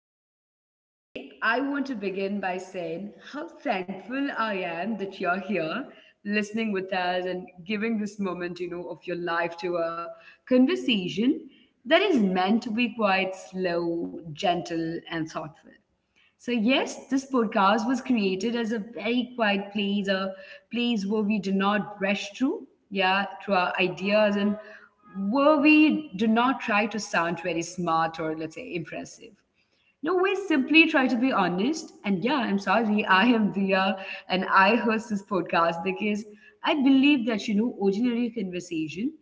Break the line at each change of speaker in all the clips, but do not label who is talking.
welcome. See, I want to begin by saying how thankful I am that you're here listening with us and giving this moment, of your life to a conversation that is meant to be quite slow, gentle, and thoughtful. So yes, this podcast was created as a very quiet place, a place where we do not rush through, yeah, through our ideas and where we do not try to sound very smart or let's say impressive. No, we simply try to be honest. And yeah, I'm sorry, I am Dia and I host this podcast because I believe that, ordinary conversation,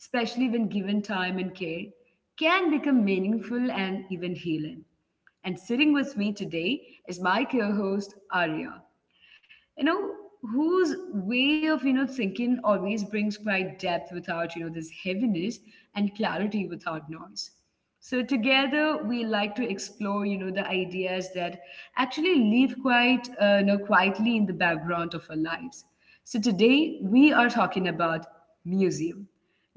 especially when given time and care, can become meaningful and even healing. And sitting with me today is my co host, Arya, you know, whose way of, thinking always brings quite depth without, this heaviness and clarity without noise. So together we like to explore, the ideas that actually live quite, quietly in the background of our lives. So today we are talking about museum.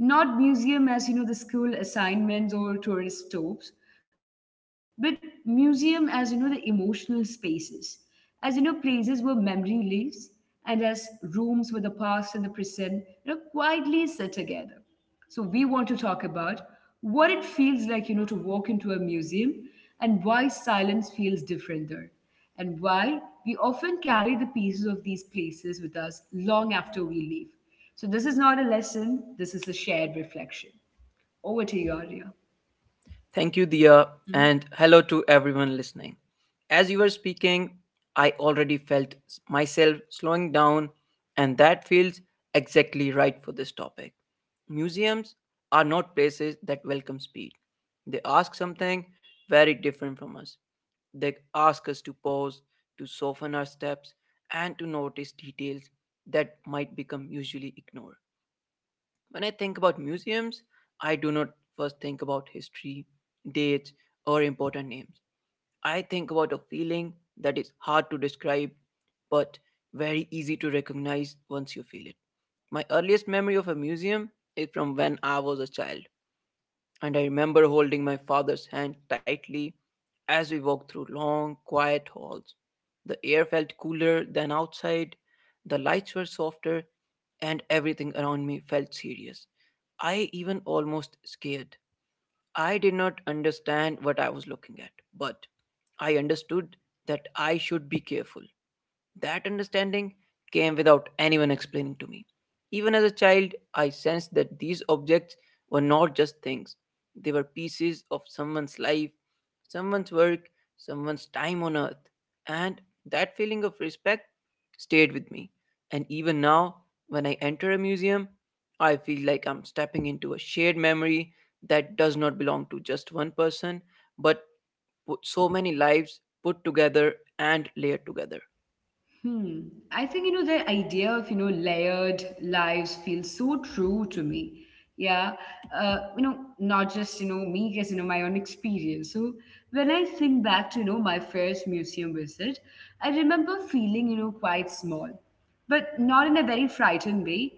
Not museum as the school assignments or tourist stops, but museum as the emotional spaces, as places where memory lives, and as rooms where the past and the present quietly sit together. So we want to talk about what it feels like, to walk into a museum and why silence feels different there and why we often carry the pieces of these places with us long after we leave. So, this is not a lesson, this is a shared reflection. Over to you, Arya.
Thank you, Dia,
Hmm?
and hello to everyone listening. As you were speaking, I already felt myself slowing down, and that feels exactly right for this topic. Museums are not places that welcome speed, they ask something very different from us. They ask us to pause, to soften our steps, and to notice details that might become usually ignored. When I think about museums, I do not first think about history, dates, or important names. I think about a feeling that is hard to describe but very easy to recognize once you feel it. My earliest memory of a museum is from when I was a child and I remember holding my father's hand tightly as we walked through long, quiet halls. The air felt cooler than outside, the lights were softer, and everything around me felt serious. I even almost scared. I did not understand what I was looking at, but I understood that I should be careful. That understanding came without anyone explaining to me. Even as a child, I sensed that these objects were not just things, they were pieces of someone's life, someone's work, someone's time on earth. And that feeling of respect stayed with me. And even now, when I enter a museum, I feel like I'm stepping into a shared memory that does not belong to just one person, but so many lives put together and layered together.
Hmm. I think, the idea of, layered lives feels so true to me. Yeah. Not just, me, because, my own experience. So when I think back to, my first museum visit, I remember feeling, quite small, but not in a very frightened way.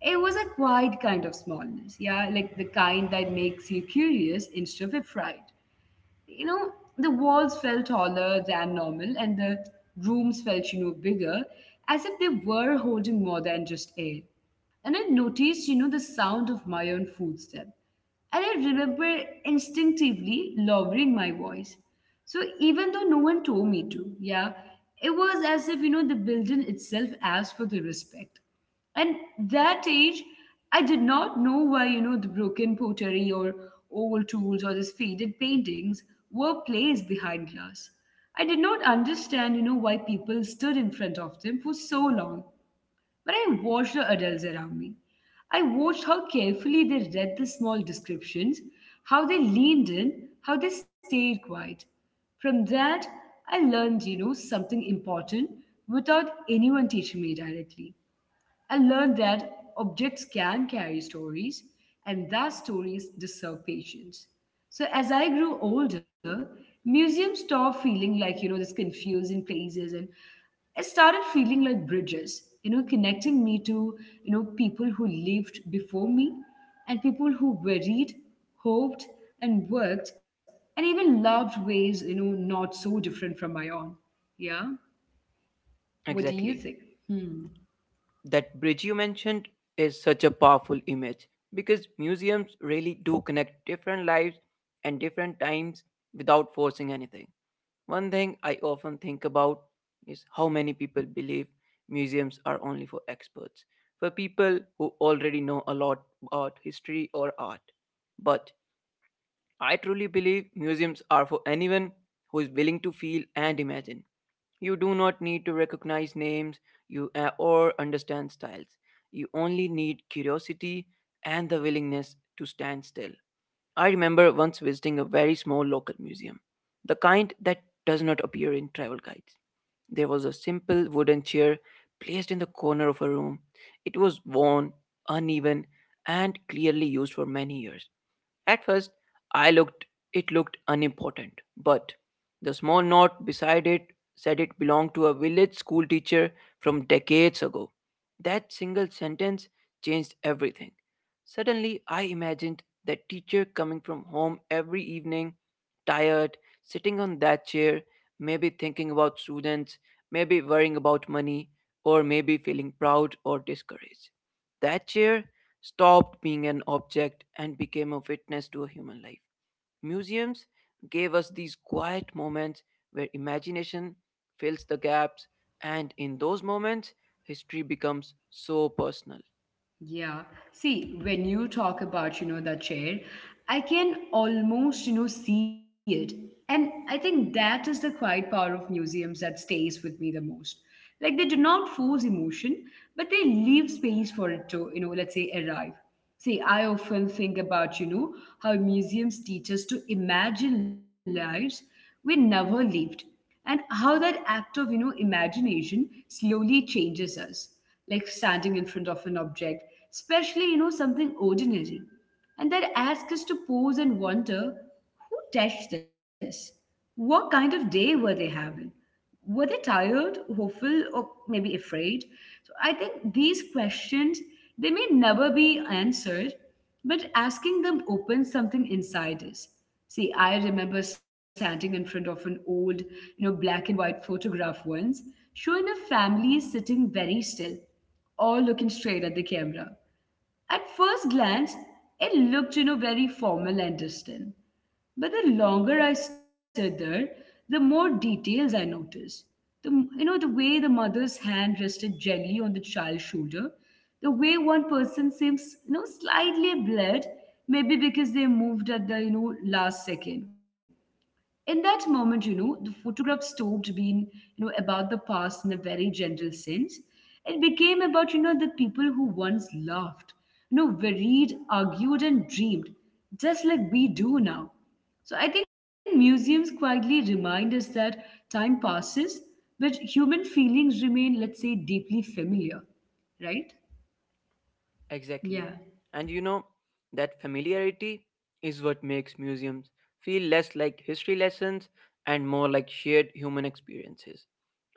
It was a quiet kind of smallness. Yeah. Like the kind that makes you curious instead of afraid. You know the walls felt taller than normal and the rooms felt bigger, as if they were holding more than just air. And I noticed, the sound of my own footstep. And I remember instinctively lowering my voice. So even though no one told me to, yeah, it was as if, the building itself asked for the respect. And that age, I did not know why, the broken pottery or old tools or these faded paintings were placed behind glass. I did not understand, why people stood in front of them for so long. When I watched the adults around me, I watched how carefully they read the small descriptions, how they leaned in, how they stayed quiet. From that, I learned, something important without anyone teaching me directly. I learned that objects can carry stories, and that stories deserve patience. So as I grew older, museums stopped feeling like this confusing places, and I started feeling like bridges, connecting me to people who lived before me, and people who worried, hoped, and worked, and even loved ways not so different from my own. Yeah, what do you
Exactly.
think? Hmm.
That bridge you mentioned is such a powerful image because museums really do connect different lives and different times without forcing anything. One thing I often think about is how many people believe museums are only for experts, for people who already know a lot about history or art. But I truly believe museums are for anyone who is willing to feel and imagine. You do not need to recognize names you or understand styles. You only need curiosity and the willingness to stand still. I remember once visiting a very small local museum, the kind that does not appear in travel guides. There was a simple wooden chair placed in the corner of a room. It was worn, uneven, and clearly used for many years. At first, I looked, it looked unimportant, but the small note beside it said it belonged to a village school teacher from decades ago. That single sentence changed everything. Suddenly, I imagined that teacher coming from home every evening, tired, sitting on that chair, maybe thinking about students, maybe worrying about money, or maybe feeling proud or discouraged. That chair stopped being an object and became a witness to a human life. Museums gave us these quiet moments where imagination fills the gaps, and in those moments, history becomes so personal.
Yeah. See, when you talk about, the chair, I can almost, see it. And I think that is the quiet power of museums that stays with me the most. Like they do not force emotion, but they leave space for it to, let's say arrive. See, I often think about, how museums teach us to imagine lives we never lived and how that act of imagination slowly changes us. Like standing in front of an object, especially something ordinary, and that asks us to pause and wonder: who touched this? What kind of day were they having? Were they tired, hopeful, or maybe afraid? So I think these questions, they may never be answered, but asking them opens something inside us. See, I remember standing in front of an old, black and white photograph once, showing a family sitting very still, all looking straight at the camera. At first glance, it looked, very formal and distant. But the longer I stood there, the more details I noticed. The, the way the mother's hand rested gently on the child's shoulder, the way one person seems, slightly blurred, maybe because they moved at the, last second. In that moment, the photograph stopped being, about the past in a very general sense. It became about, the people who once laughed, worried, argued, and dreamed, just like we do now. So I think museums quietly remind us that time passes, but human feelings remain, let's say, deeply familiar, right?
Exactly.
Yeah.
And you know, that familiarity is what makes museums feel less like history lessons and more like shared human experiences.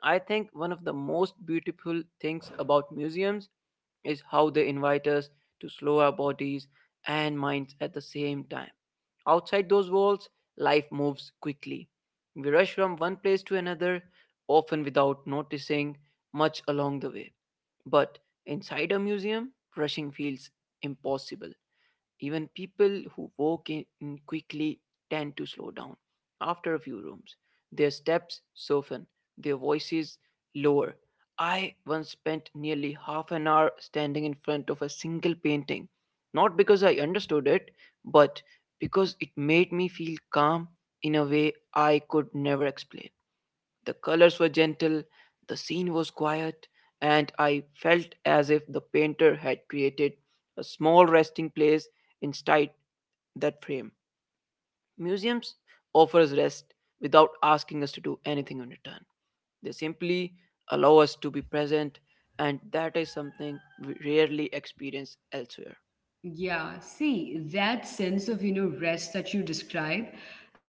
I think one of the most beautiful things about museums is how they invite us to slow our bodies and minds at the same time. Outside those walls, life moves quickly. We rush from one place to another, often without noticing much along the way. But inside a museum, rushing feels impossible. Even people who walk in quickly tend to slow down after a few rooms. Their steps soften, their voices lower. I once spent nearly half an hour standing in front of a single painting, not because I understood it, but because it made me feel calm in a way I could never explain. The colors were gentle, the scene was quiet, and I felt as if the painter had created a small resting place inside that frame. Museums offers rest without asking us to do anything in return. They simply allow us to be present, and that is something we rarely experience elsewhere.
Yeah, see, that sense of, rest that you describe,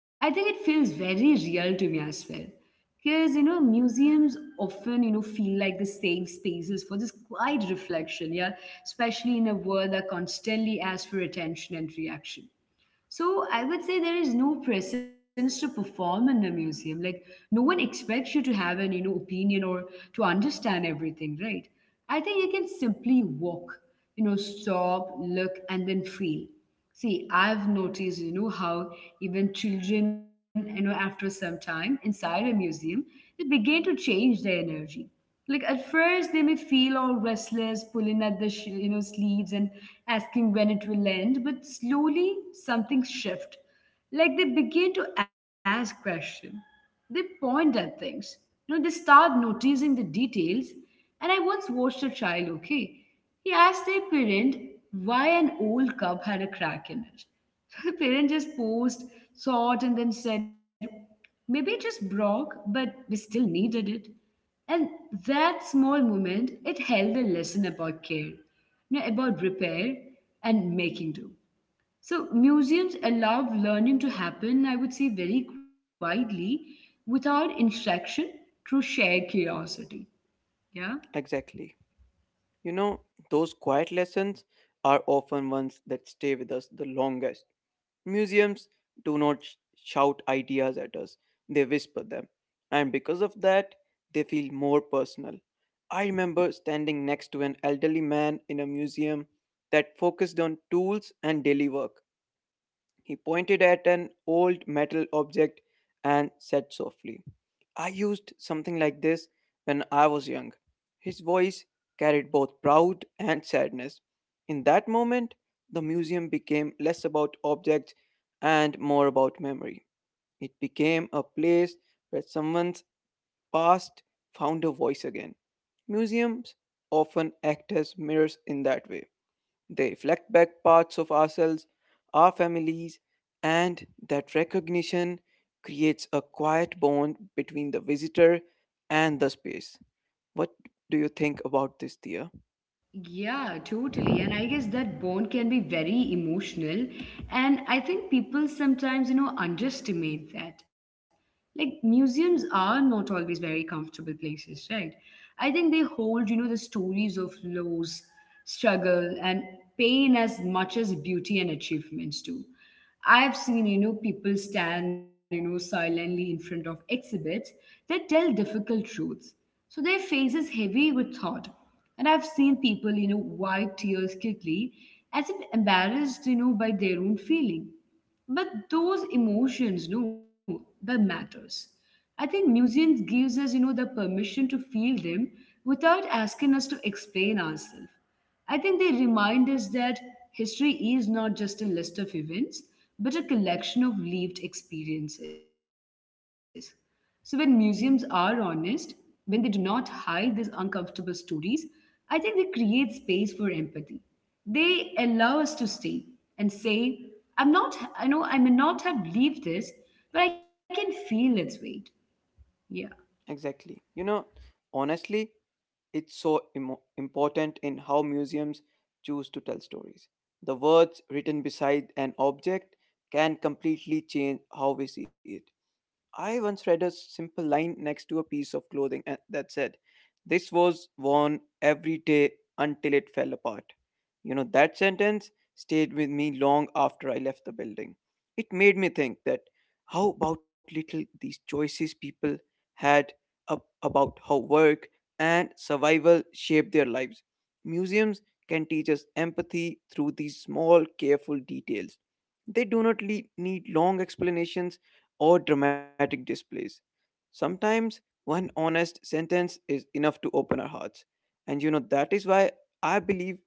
I think it feels very real to me as well. Because, museums often, feel like the safe spaces for this quiet reflection, yeah, especially in a world that constantly asks for attention and reaction. So I would say there is no presence to perform in the museum. Like no one expects you to have an opinion or to understand everything, right? I think you can simply walk, stop, look, and then feel. See, I've noticed, how even children, after some time inside a museum, they begin to change their energy. Like at first they may feel all restless, pulling at the sleeves and asking when it will end, but slowly something shift. Like they begin to ask questions, they point at things, they start noticing the details. And I once watched a child, okay, he asked their parent why an old cup had a crack in it. The parent just paused, saw it, and then said, maybe it just broke but we still needed it. And that small moment, it held a lesson about care, about repair and making do. So museums allow learning to happen, I would say, very quietly, without instruction, through shared curiosity. Yeah.
Exactly. You know, those quiet lessons are often ones that stay with us the longest. Museums do not shout ideas at us, they whisper them. And because of that, they feel more personal. I remember standing next to an elderly man in a museum that focused on tools and daily work. He pointed at an old metal object and said softly, I used something like this when I was young. His voice carried both pride and sadness. In that moment, the museum became less about objects and more about memory. It became a place where someone's past found a voice again. Museums often act as mirrors in that way. They reflect back parts of ourselves, our families, and that recognition creates a quiet bond between the visitor and the space. What do you think about this, dear?
Yeah, totally. And I guess that bond can be very emotional. And I think people sometimes, underestimate that. Like, museums are not always very comfortable places, right? I think they hold, the stories of loss, struggle, and pain as much as beauty and achievements do. I've seen, people stand, silently in front of exhibits that tell difficult truths. So their faces heavy with thought. And I've seen people, wipe tears quickly as if embarrassed, by their own feeling. But those emotions, no, that matters. I think museums gives us, the permission to feel them without asking us to explain ourselves. I think they remind us that history is not just a list of events, but a collection of lived experiences. So, when museums are honest, when they do not hide these uncomfortable stories, I think they create space for empathy. They allow us to
Yeah,
stay and say, I'm not, I know I may not have lived this, but I can feel its weight. Yeah.
exactly. You know, honestly, it's so imo important in how museums choose to tell stories. The words written beside an object can completely change how we see it. I once read a simple line next to a piece of clothing that said, This was worn every day until it fell apart. You know, that sentence stayed with me long after I left the building. It made me think that how about little these choices people had about how work and survival shaped their lives. Museums can teach us empathy through these small, careful details. They do not need long explanations or dramatic displays. Sometimes one honest sentence is enough to open our hearts. And you know, that is why I believe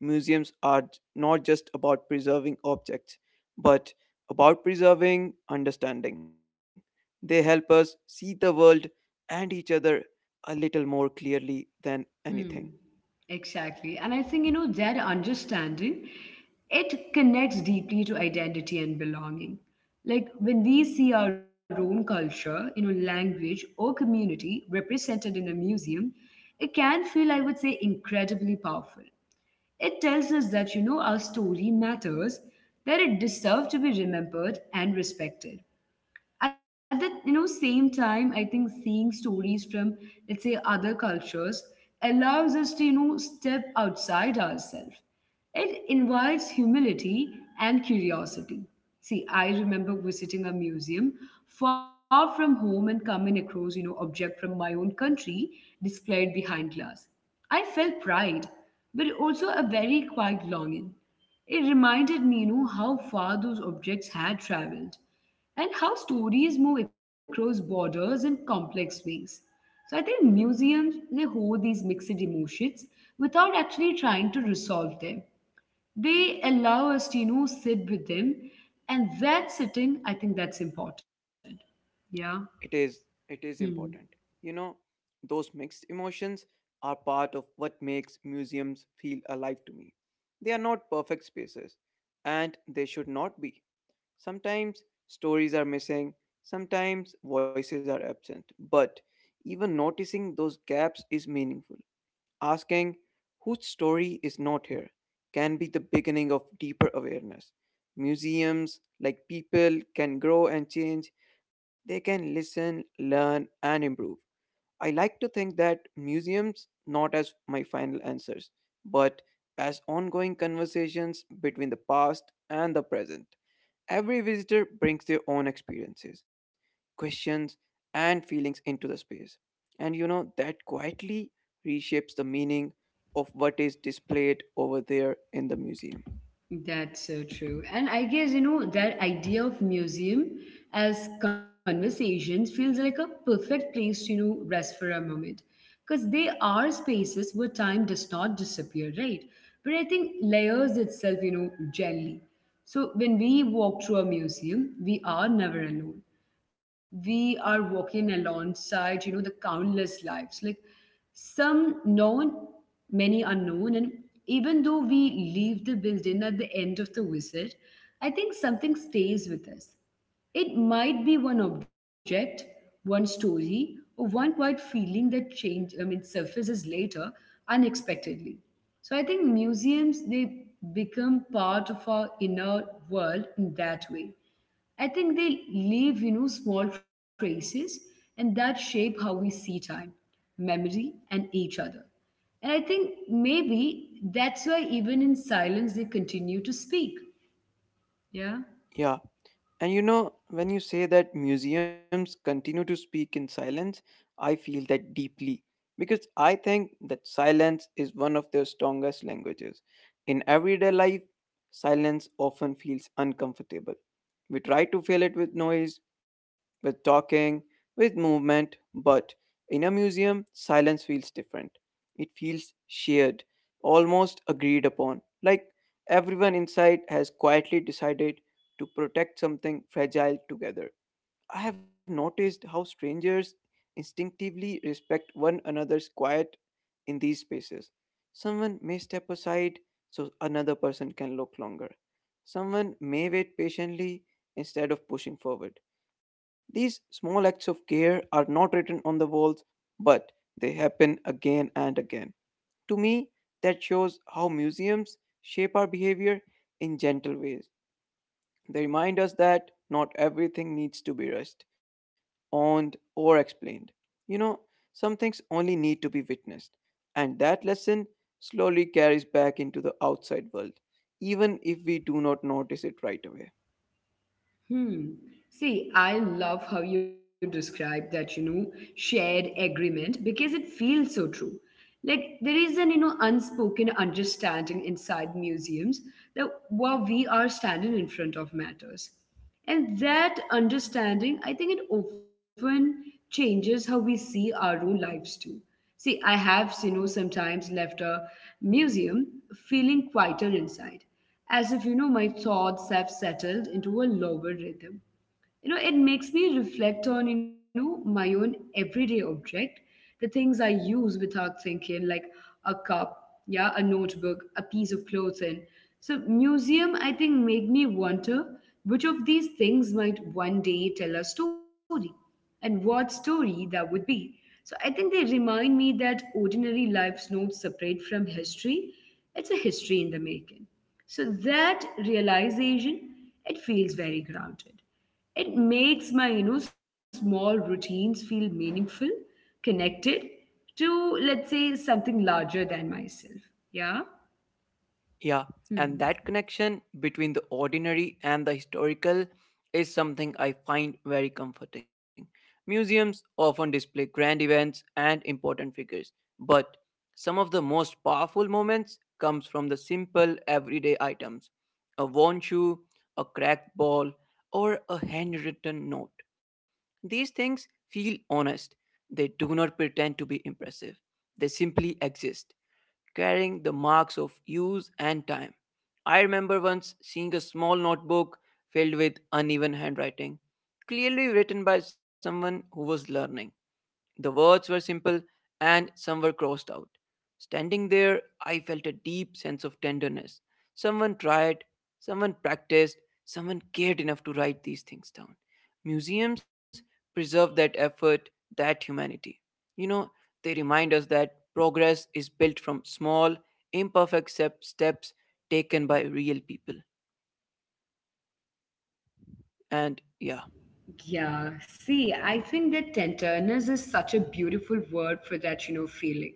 museums are not just about preserving objects, but about preserving understanding. They help us see the world and each other a little more clearly than anything.
Hmm, exactly. And I think, that understanding, it connects deeply to identity and belonging. Like when we see our own culture, language or community represented in a museum, it can feel, I would say, incredibly powerful. It tells us that, our story matters, that it deserves to be remembered and respected. At the same time, I think seeing stories from, let's say, other cultures allows us to step outside ourselves. It invites humility and curiosity. See, I remember visiting a museum far from home and coming across, object from my own country displayed behind glass. I felt pride, but also a very quiet longing. It reminded me, how far those objects had traveled and how stories move across borders in complex ways. So I think museums, they hold these mixed emotions without actually trying to resolve them. They allow us to sit with them, and that sitting, I think that's important. Yeah.
It is
Hmm.
important. You know, those mixed emotions are part of what makes museums feel alive to me. They are not perfect spaces and they should not be. Sometimes stories are missing, sometimes voices are absent, but even noticing those gaps is meaningful. Asking whose story is not here can be the beginning of deeper awareness. Museums, like people, can grow and change, they can listen, learn, and improve. I like to think that museums, not as my final answers, but as ongoing conversations between the past and the present. Every visitor brings their own experiences, questions, and feelings into the space. And you know, that quietly reshapes the meaning of what is displayed over there in the museum.
That's so true. And I guess, that idea of museum as conversations feels like a perfect place to, rest for a moment. Because they are spaces where time does not disappear, right? But I think layers itself, gently. So when we walk through a museum, we are never alone. We are walking alongside, the countless lives. Like some known, many unknown, and even though we leave the building at the end of the visit, I think something stays with us. It might be one object, one story, or one quiet feeling that change I mean surfaces later unexpectedly. So I think museums, they become part of our inner world in that way. I think they leave small traces, and that shape how we see time, memory, and each other. And I think maybe that's why even in silence they continue to speak. Yeah.
Yeah. And you know, when you say that museums continue to speak in silence, I feel that deeply because I think that silence is one of their strongest languages. In everyday life, silence often feels uncomfortable. We try to fill it with noise, with talking, with movement, but in a museum, silence feels different. It feels shared, almost agreed upon, like everyone inside has quietly decided to protect something fragile together. I have noticed how strangers instinctively respect one another's quiet in these spaces. Someone may step aside so another person can look longer. Someone may wait patiently instead of pushing forward. These small acts of care are not written on the walls, but they happen again and again. To me, that shows how museums shape our behavior in gentle ways. They remind us that not everything needs to be rushed, owned, or explained. You know, some things only need to be witnessed, and that lesson slowly carries back into the outside world, even if we do not notice it right away.
Hmm. See, I love how you describe that, shared agreement because it feels so true. Like there is an, unspoken understanding inside museums that what we are standing in front of matters. And that understanding, I think it often changes how we see our own lives too. See, I have, sometimes left a museum feeling quieter inside, as if, my thoughts have settled into a lower rhythm. You know, it makes me reflect on, you know, my own everyday object, the things I use without thinking, like a cup, yeah, a notebook, a piece of clothing. So museum, I think, make me wonder which of these things might one day tell a story and what story that would be. So I think they remind me that ordinary life's not separate from history, it's a history in the making. So that realization, it feels very grounded. It makes my, small routines feel meaningful, connected to, let's say, something larger than myself. Yeah.
Yeah, and
Hmm.
that connection between the ordinary and the historical is something I find very comforting. Museums often display grand events and important figures, but some of the most powerful moments comes from the simple everyday items. A worn shoe, a cracked ball, or a handwritten note. These things feel honest. They do not pretend to be impressive. They simply exist carrying the marks of use and time. I remember once seeing a small notebook filled with uneven handwriting, clearly written by someone who was learning. The words were simple and some were crossed out. Standing there, I felt a deep sense of tenderness. Someone tried, someone practiced, someone cared enough to write these things down. Museums preserve that effort, that humanity. You know, they remind us that progress is built from small, imperfect steps taken by real people. And yeah,
Yeah, see, I think that tenderness is such a beautiful word for that, feeling.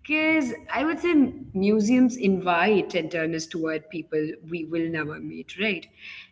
Because I would say museums invite tenderness toward people we will never meet, right?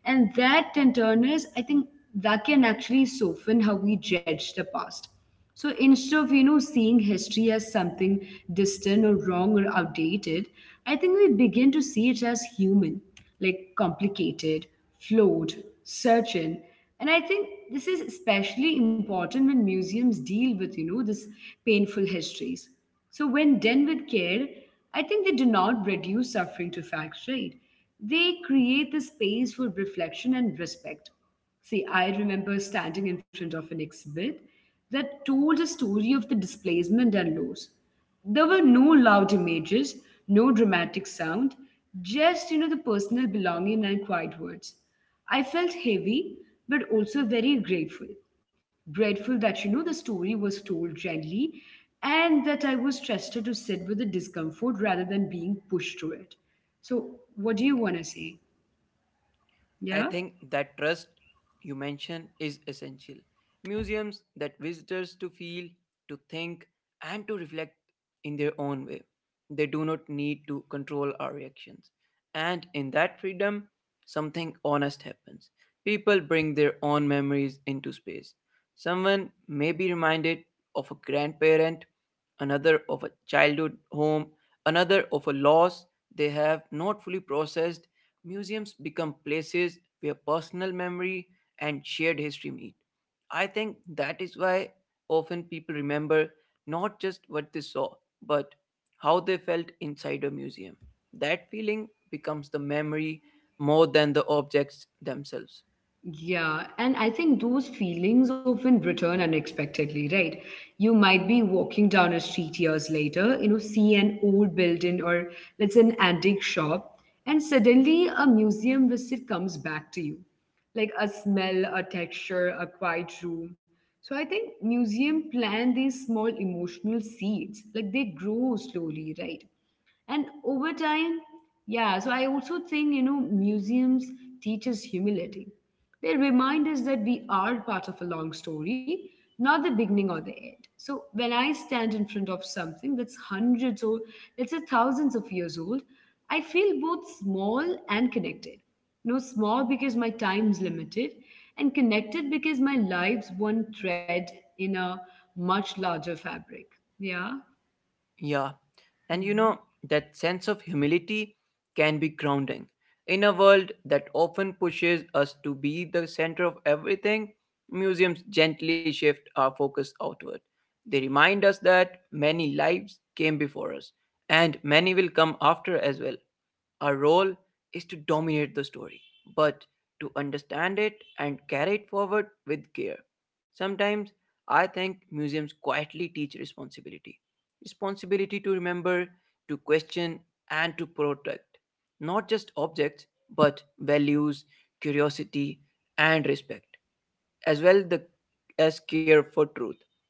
And that tenderness, I think that can actually soften how we judge the past. So instead of, seeing history as something distant or wrong or outdated, I think we begin to see it as human, like complicated, flawed, certain. And I think this is especially important when museums deal with, this painful histories. So when done with care, I think they do not reduce suffering to facts, right? They create the space for reflection and respect. See, I remember standing in front of an exhibit that told a story of the displacement and loss. There were no loud images, no dramatic sound, just, the personal belonging and quiet words. I felt heavy, but also very grateful. Grateful that, the story was told gently, and that I was trusted to sit with the discomfort rather than being pushed through it. So, what do you want to say?
I
Yeah?
think that trust you mentioned is essential. Museums that visitors to feel, to think, and to reflect in their own way. They do not need to control our reactions. And in that freedom, something honest happens. People bring their own memories into space. Someone may be reminded of a grandparent, another of a childhood home, another of a loss they have not fully processed. Museums become places where personal memory and shared history meet. I think that is why often people remember not just what they saw, but how they felt inside a museum. That feeling becomes the memory more than the objects themselves.
Yeah, and I think those feelings often return unexpectedly, right? You might be walking down a street years later, you know, see an old building or, let's say, an antique shop, and suddenly a museum visit comes back to you, like a smell, a texture, a quiet room. So I think museum plant these small emotional seeds, like they grow slowly, right? And over time, yeah. So I also think, you know, museums teach us humility. They remind us that we are part of a long story, not the beginning or the end. So when I stand in front of something that's hundreds or, let's say, thousands of years old, I feel both small and connected. You know, small because my time's limited, and connected because my life's one thread in a much larger fabric. Yeah.
Yeah. And you
Mm-hmm.
know, that sense of humility can be grounding. In a world that often pushes us to be the center of everything, museums gently shift our focus outward. They remind us that many lives came before us, and many will come after as well. Our role is to dominate the story, but to understand it and carry it forward with care. Sometimes I think museums quietly teach responsibility to remember, to question, and to protect not just objects but values, curiosity, and respect, as well as care for truth.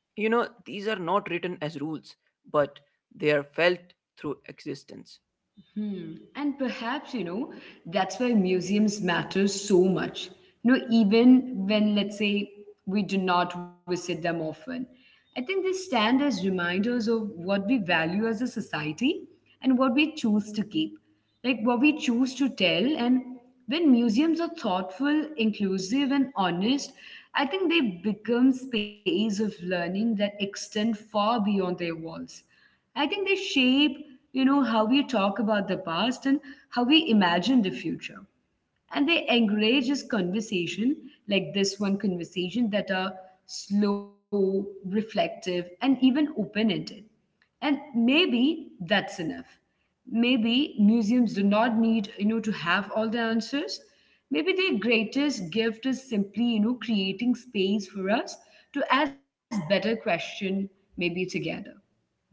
You know, these are not written as rules, but they are felt through existence.
Hmm. And perhaps, you know, that's why museums matter so much. You know, even when, let's say, we do not visit them often, I think they stand as reminders of what we value as a society, and what we choose to keep, like what we choose to tell. And when museums are thoughtful, inclusive, and honest, I think they become space of learning that extend far beyond their walls. I think they shape, you know, how we talk about the past and how we imagine the future. And they encourage this conversation, like this one conversation, that are slow, reflective, and even open ended. And maybe that's enough. Maybe museums do not need, you know, to have all the answers. Maybe their greatest gift is simply, you know, creating space for us to ask better question, maybe together. Yeah.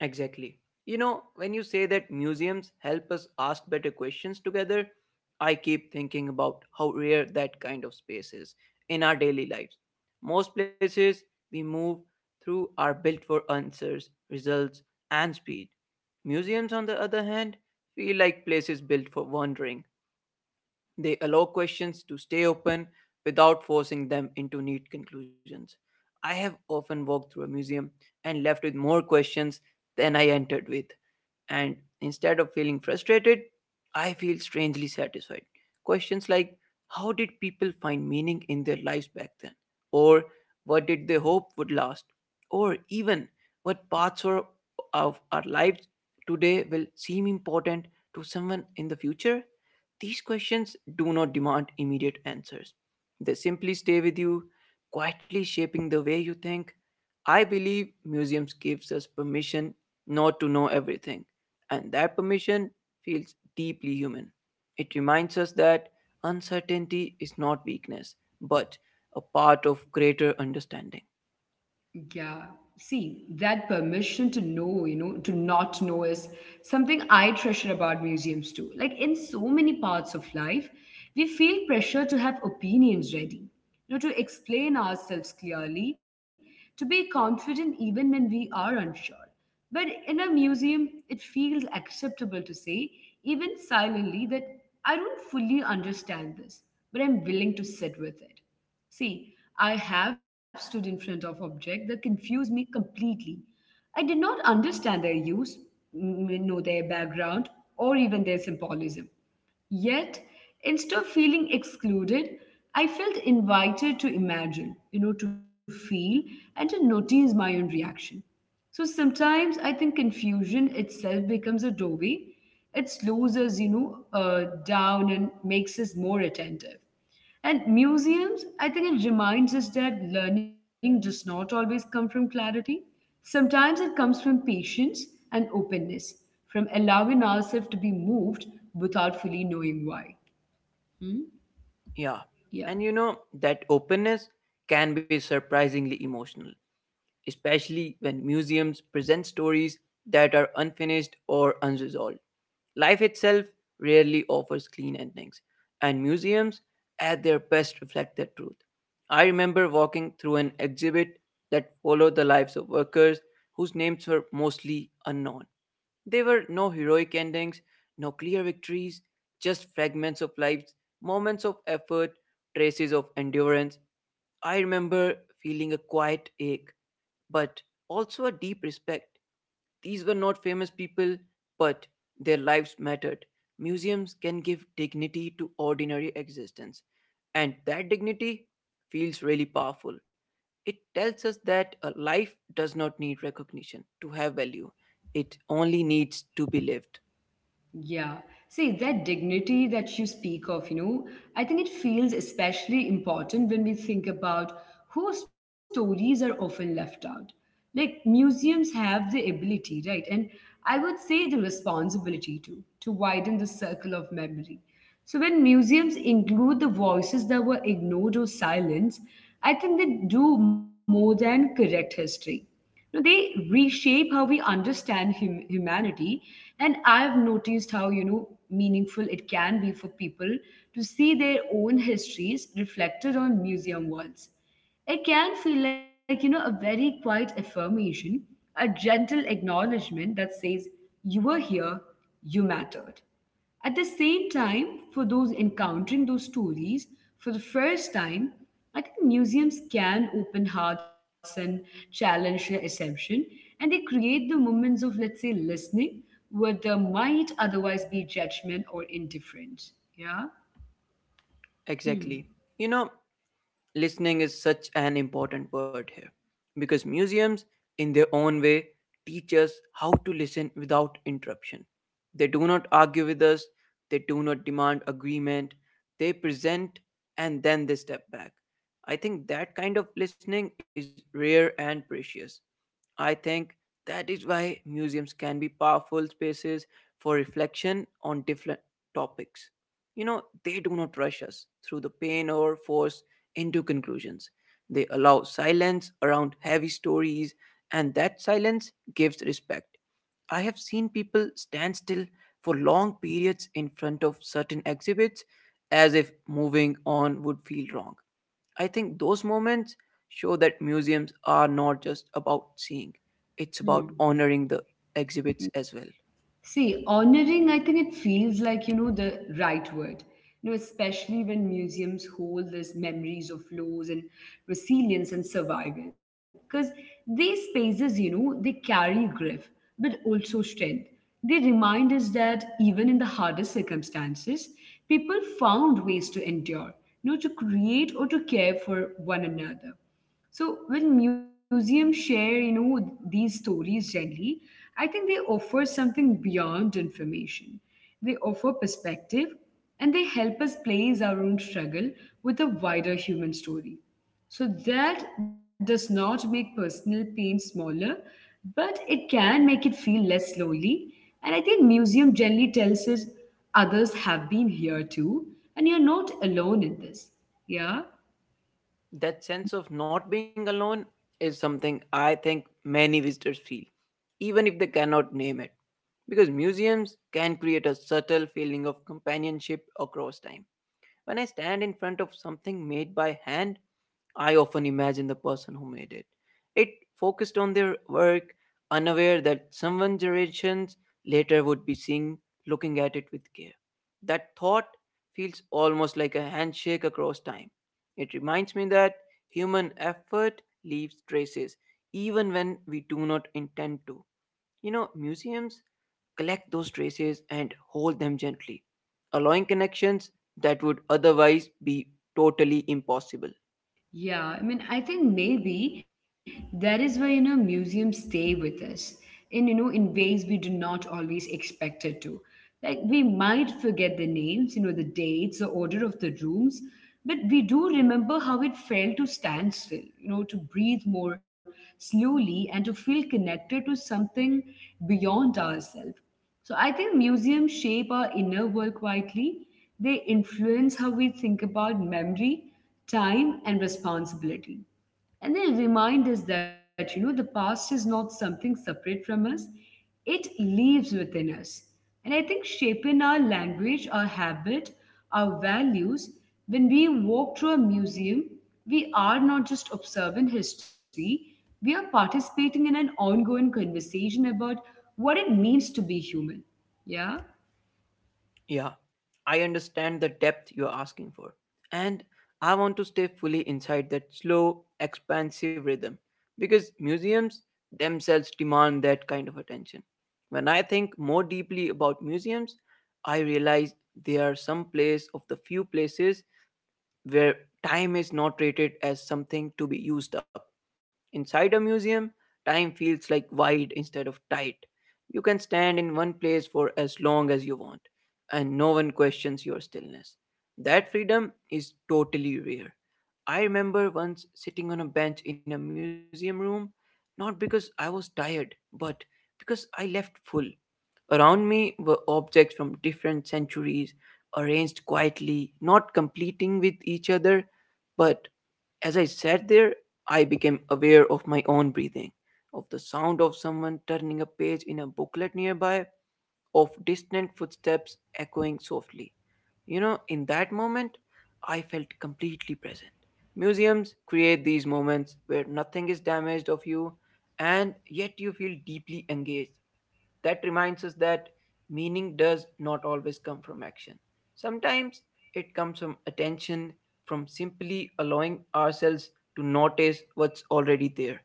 Exactly. You know, when you say that museums help us ask better questions together, I keep thinking about how rare that kind of space is in our daily lives. Most places we move through are built for answers, results, and speed. Museums, on the other hand, feel like places built for wandering, they allow questions to stay open without forcing them into neat conclusions. I have often walked through a museum and left with more questions than I entered with. And instead of feeling frustrated, I feel strangely satisfied. Questions like how did people find meaning in their lives back then? Or what did they hope would last? Or even what parts of our lives today will seem important to someone in the future? These questions do not demand immediate answers. They simply stay with you, quietly shaping the way you think. I believe museums gives us permission not to know everything, and that permission feels deeply human. It reminds us that uncertainty is not weakness, but a part of greater understanding.
Yeah, see, that permission to know, you know, to not know is something I treasure about museums too. Like in so many parts of life, we feel pressure to have opinions ready, you know, to explain ourselves clearly, to be confident even when we are unsure. But in a museum, it feels acceptable to say, even silently, that I don't fully understand this, but I'm willing to sit with it. See, I have stood in front of objects that confused me completely. I did not understand their use, know their background, or even their symbolism. Yet, instead of feeling excluded, I felt invited to imagine, you know, to feel, and to notice my own reaction. So sometimes I think confusion itself becomes a doorway. It slows us, you know, down and makes us more attentive. And museums, I think it reminds us that learning does not always come from clarity. Sometimes it comes from patience and openness, from allowing ourselves to be moved without fully knowing why. Hmm?
Yeah.
Yeah.
And you know, that openness can be surprisingly emotional, especially when museums present stories that are unfinished or unresolved. Life itself rarely offers clean endings, and museums at their best reflect that truth. I remember walking through an exhibit that followed the lives of workers whose names were mostly unknown. There were no heroic endings, no clear victories, just fragments of lives, moments of effort, traces of endurance. I remember feeling a quiet ache but also a deep respect. These were not famous people, but their lives mattered. Museums can give dignity to ordinary existence, and that dignity feels really powerful. It tells us that a life does not need recognition to have value, it only needs to be lived.
Yeah. See, that dignity that you speak of, you know, I think it feels especially important when we think about whose stories are often left out. Like, museums have the ability, right? And I would say the responsibility too, to widen the circle of memory. So, when museums include the voices that were ignored or silenced, I think they do more than correct history. You know, they reshape how we understand humanity. And I've noticed how, you know, meaningful it can be for people to see their own histories reflected on museum walls. It can feel like, you know, a very quiet affirmation, a gentle acknowledgement that says, you were here, you mattered. At the same time, for those encountering those stories for the first time, I think museums can open hearts and challenge their assumption, and they create the moments of, let's say, listening where there might otherwise be judgment or indifference. Yeah? Hmm.
Exactly. You know, listening is such an important word here because museums, in their own way, teach us how to listen without interruption. They do not argue with us, they do not demand agreement, they present and then they step back. I think that kind of listening is rare and precious. I think that is why museums can be powerful spaces for reflection on different topics. You know, they do not rush us through the pain or force into conclusions. They allow silence around heavy stories, and that silence gives respect. I have seen people stand still for long periods in front of certain exhibits as if moving on would feel wrong. I think those moments show that museums are not just about seeing, it's about
Hmm.
honoring the exhibits as well.
See, honoring, I think it feels like, you know, the right word. You know, especially when museums hold these memories of loss and resilience and survival. Because these spaces, you know, they carry grief, but also strength. They remind us that even in the hardest circumstances, people found ways to endure, you know, to create or to care for one another. So when museums share, you know, these stories gently, I think they offer something beyond information. They offer perspective, and they help us place our own struggle with a wider human story. So that does not make personal pain smaller, but it can make it feel less lonely. And I think museum generally tells us others have been here too, and you're not alone in this. Yeah.
That sense of not being alone is something I think many visitors feel, even if they cannot name it. Because museums can create a subtle feeling of companionship across time. When I stand in front of something made by hand, I often imagine the person who made it. It focused on their work, unaware that someone generations later would be seeing looking at it with care. That thought feels almost like a handshake across time. It reminds me that human effort leaves traces, even when we do not intend to. You know, museums collect those traces and hold them gently allowing connections that would otherwise be totally impossible.
Yeah, I mean, I think maybe that is why, you know, museums stay with us in, you know, in ways we do not always expect it to. Like we might forget the names, you know, the dates, the order of the rooms, but we do remember how it felt to stand still, you know, to breathe more slowly and to feel connected to something beyond ourselves. So I think museums shape our inner world quietly. They influence how we think about memory, time, and responsibility. And then remind us that, you know, the past is not something separate from us, it lives within us. And I think shaping our language, our habit, our values, when we walk through a museum, we are not just observing history, we are participating in an ongoing conversation about what it means to be human. Yeah?
Yeah, I understand the depth you're asking for. And I want to stay fully inside that slow, expansive rhythm because museums themselves demand that kind of attention. When I think more deeply about museums, I realize they are some place of the few places where time is not rated as something to be used up. Inside a museum, time feels like wide instead of tight. You can stand in one place for as long as you want, and no one questions your stillness. That freedom is totally rare. I remember once sitting on a bench in a museum room, not because I was tired, but because I left full. Around me were objects from different centuries, arranged quietly, not completing with each other. But as I sat there, I became aware of my own breathing, of the sound of someone turning a page in a booklet nearby, of distant footsteps echoing softly. You know, in that moment, I felt completely present. Museums create these moments where nothing is damaged of you and yet you feel deeply engaged. That reminds us that meaning does not always come from action. Sometimes it comes from attention, from simply allowing ourselves to notice what's already there.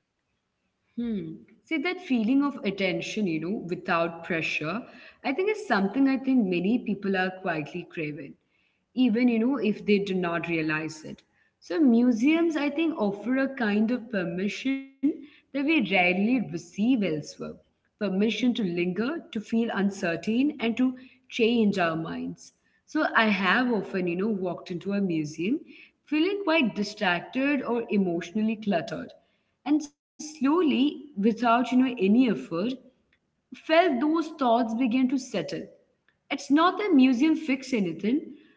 Hmm. See that feeling of attention, you know, without pressure, I think is something I think many people are quietly craving, even, you know, if they do not realize it. So museums, I think, offer a kind of permission that we rarely receive elsewhere. Permission to linger, to feel uncertain, and to change our minds. So I have often, you know, walked into a museum feeling quite distracted or emotionally cluttered, and slowly, without, you know, any effort, felt those thoughts began to settle. It's not that museum fix anything,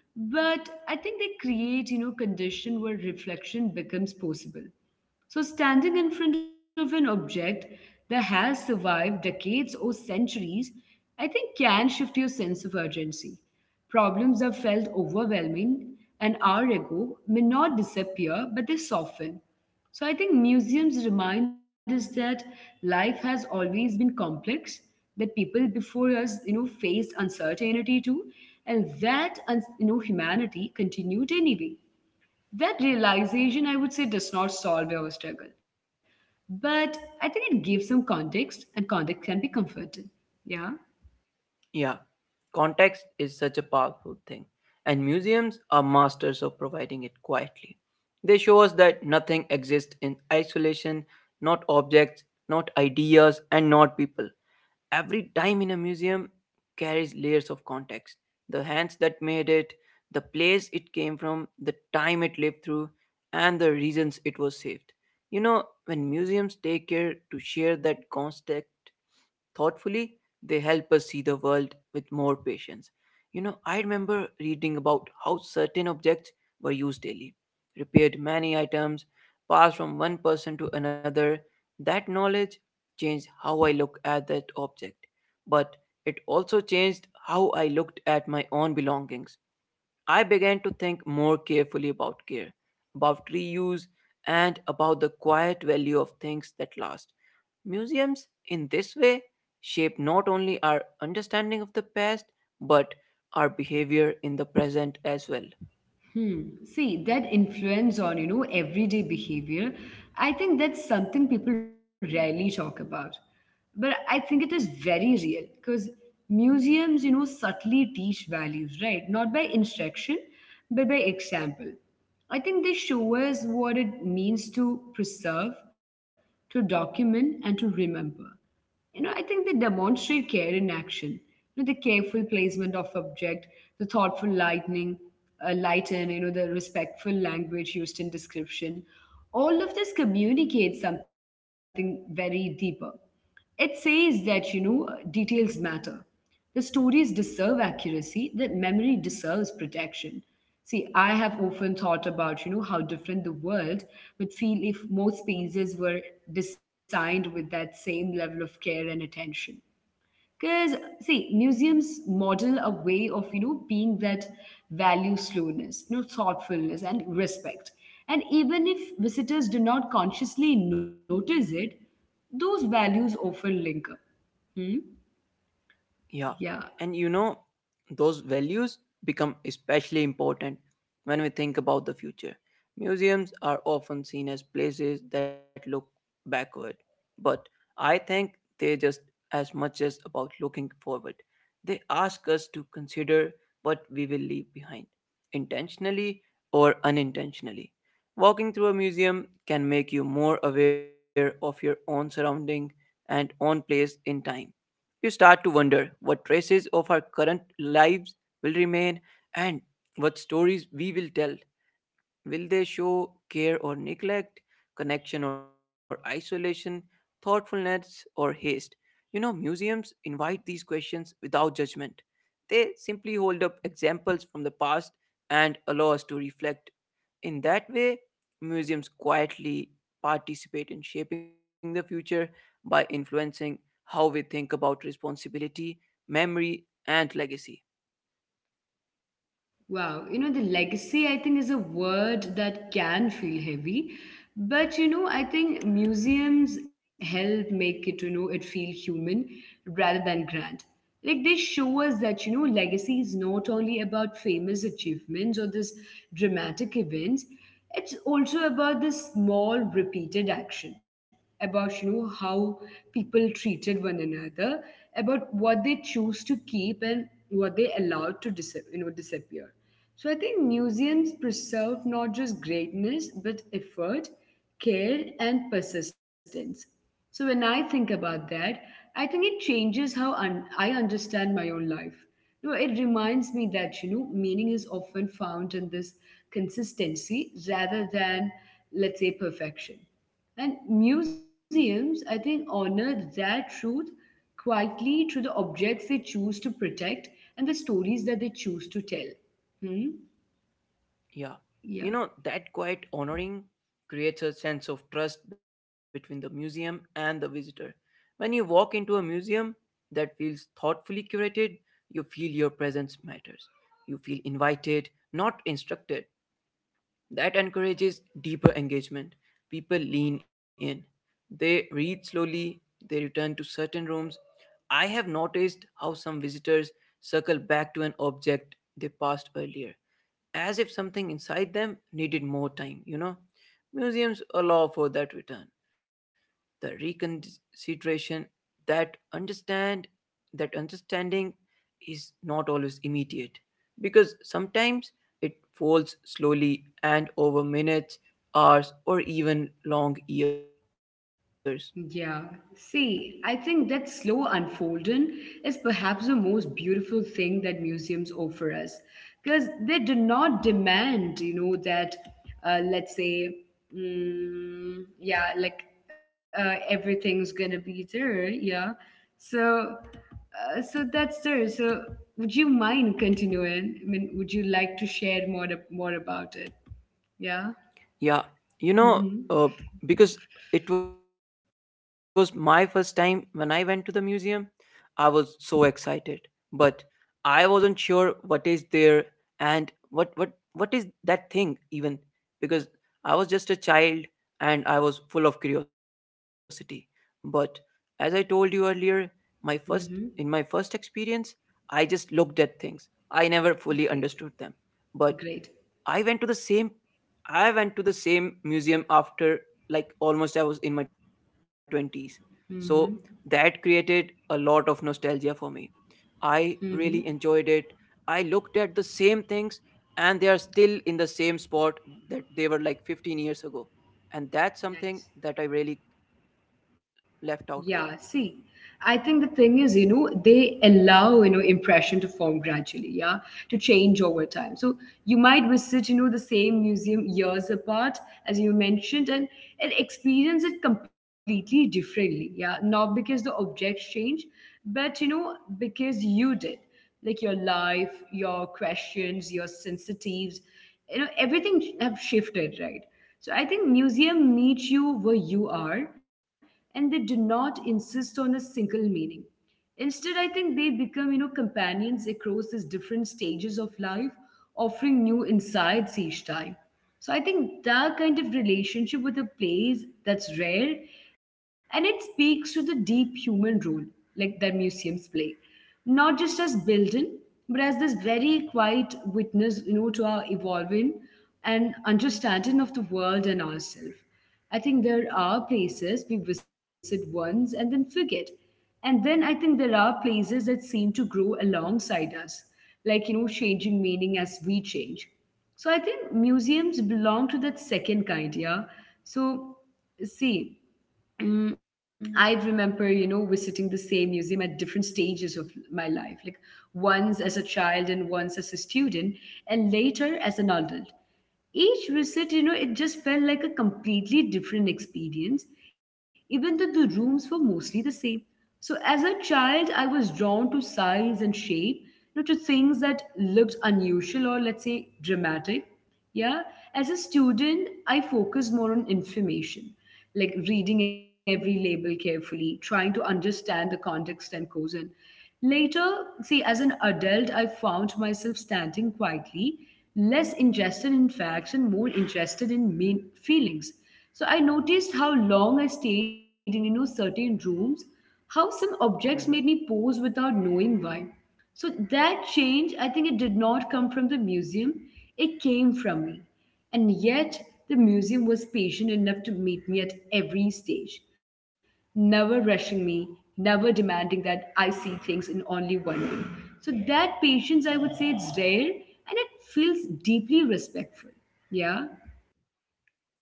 but I think they create, you know, condition where reflection becomes possible. So, standing in front of an object that has survived decades or centuries, I think can shift your sense of urgency. Problems that felt overwhelming an hour ago may not disappear, but they soften. So, I think museums remind us that life has always been complex, that people before us, you know, faced uncertainty too, and that, you know, humanity continued anyway. That realization, I would say, does not solve our struggle, but I think it gives some context, and context can be comforting. Yeah.
Yeah, context is such a powerful thing, and museums are masters of providing it quietly. They show us that nothing exists in isolation, not objects, not ideas, and not people. Every dime in a museum carries layers of context, the hands that made it, the place it came from, the time it lived through, and the reasons it was saved. You know, when museums take care to share that context thoughtfully, they help us see the world with more patience. You know, I remember reading about how certain objects were used daily, repaired many items, passed from one person to another. That knowledge changed how I look at that object, but it also changed how I looked at my own belongings. I began to think more carefully about care, about reuse, and about the quiet value of things that last. Museums, in this way, shape not only our understanding of the past, but our behavior in the present as well.
Hmm. See, that influence on, you know, everyday behavior, I think that's something people rarely talk about. But I think it is very real because museums, you know, subtly teach values, right? Not by instruction, but by example. I think they show us what it means to preserve, to document, and to remember. You know, I think they demonstrate care in action. You know, the careful placement of object, the thoughtful lightning, light, and you know the respectful language used in description. All of this communicates something very deeper. It says that, you know, details matter. The stories deserve accuracy, that memory deserves protection. See, I have often thought about, you know, how different the world would feel if more spaces were designed with that same level of care and attention. Because, see, museums model a way of, you know, being that value slowness, you know, thoughtfulness and respect. And even if visitors do not consciously notice it, those values often linger. Hmm?
Yeah.
Yeah.
And you know, those values become especially important when we think about the future. Museums are often seen as places that look backward, but I think they just as much as about looking forward. They ask us to consider what we will leave behind, intentionally or unintentionally. Walking through a museum can make you more aware of your own surrounding and own place in time. You start to wonder what traces of our current lives will remain and what stories we will tell. Will they show care or neglect, connection or isolation, thoughtfulness or haste? You know, museums invite these questions without judgment. They simply hold up examples from the past and allow us to reflect. In that way, museums quietly participate in shaping the future by influencing how we think about responsibility, memory, and legacy.
Wow, you know, the legacy, I think, is a word that can feel heavy. But, you know, I think museums help make it, you know, it feel human rather than grand. Like they show us that, you know, legacy is not only about famous achievements or this dramatic events, it's also about this small repeated action, about, you know, how people treated one another, about what they choose to keep and what they allowed to you know, disappear. So I think museums preserve not just greatness, but effort, care, and persistence. So when I think about that, I think it changes how I understand my own life. You know, it reminds me that you know meaning is often found in this consistency rather than, let's say, perfection. And museums, I think, honor that truth quietly through the objects they choose to protect and the stories that they choose to tell. Hmm?
Yeah. You
Yeah,
know, that quiet honoring creates a sense of trust between the museum and the visitor. When you walk into a museum that feels thoughtfully curated, you feel your presence matters. You feel invited, not instructed. That encourages deeper engagement. People lean in. They read slowly, they return to certain rooms. I have noticed how some visitors circle back to an object they passed earlier as if something inside them needed more time, you know. Museums allow for that return, the reconsideration, that understand that understanding is not always immediate because sometimes it folds slowly and over minutes, hours, or even long years.
yeah. See, I think that slow unfolding is perhaps the most beautiful thing that museums offer us because they do not demand, you know, that, let's say, yeah, like everything's gonna be there. Yeah. So, so that's there. So, would you mind continuing? I mean, would you like to share more, more about it? Yeah.
Yeah, you know,
Mm-hmm.
uh, because it was my first time when I went to the museum, I was so excited, but I wasn't sure what is there and what is that thing even because I was just a child and I was full of curiosity. But as I told you earlier, my first in my first
Mm-hmm.
experience, I just looked at things. I never fully understood them.
Great.
But I
Great.
went to the same I went to the same museum after like almost I was in my 20s. So that
Mm-hmm.
created a lot of nostalgia for me. I really enjoyed
Mm-hmm.
it. I looked at the same things and they are still in the same spot that they were like 15 years ago. And that's something
Nice.
that I really left out with.
Yeah, see, I think the thing is, you know, they allow, you know, impression to form gradually, yeah, to change over time. So you might visit, you know, the same museum years apart, as you mentioned, and, experience it completely differently, yeah, not because the objects change, but, you know, because you did. Like your life, your questions, your sensitives, you know, everything have shifted, right? So I think museum meets you where you are and they do not insist on a single meaning. Instead, I think they become, you know, companions across these different stages of life, offering new insights each time. So I think that kind of relationship with a place that's rare and it speaks to the deep human role like that museums play. Not just as building, but as this very quiet witness, you know, to our evolving and understanding of the world and ourselves. I think there are places we visit once and then forget, and then I think there are places that seem to grow alongside us, like, you know, changing meaning as we change. So I think museums belong to that second kind, yeah. So, see, I remember, you know, visiting the same museum at different stages of my life, like once as a child and once as a student, and later as an adult. Each visit, you know, it just felt like a completely different experience, even though the rooms were mostly the same. So as a child, I was drawn to size and shape, you know, to things that looked unusual or let's say dramatic. Yeah. As a student, I focused more on information, like reading every label carefully, trying to understand the context and cause. And later, see, as an adult, I found myself standing quietly, less interested in facts and more interested in mean feelings. So I noticed how long I stayed in, you know, certain rooms, how some
Yeah.
objects made me pause without knowing why. So that change, I think it did not come from the museum, it came from me. And yet, the museum was patient enough to meet me at every stage, never rushing me, never demanding that I see things in only one way. So that patience, I would say, it's rare and it feels deeply respectful. Yeah.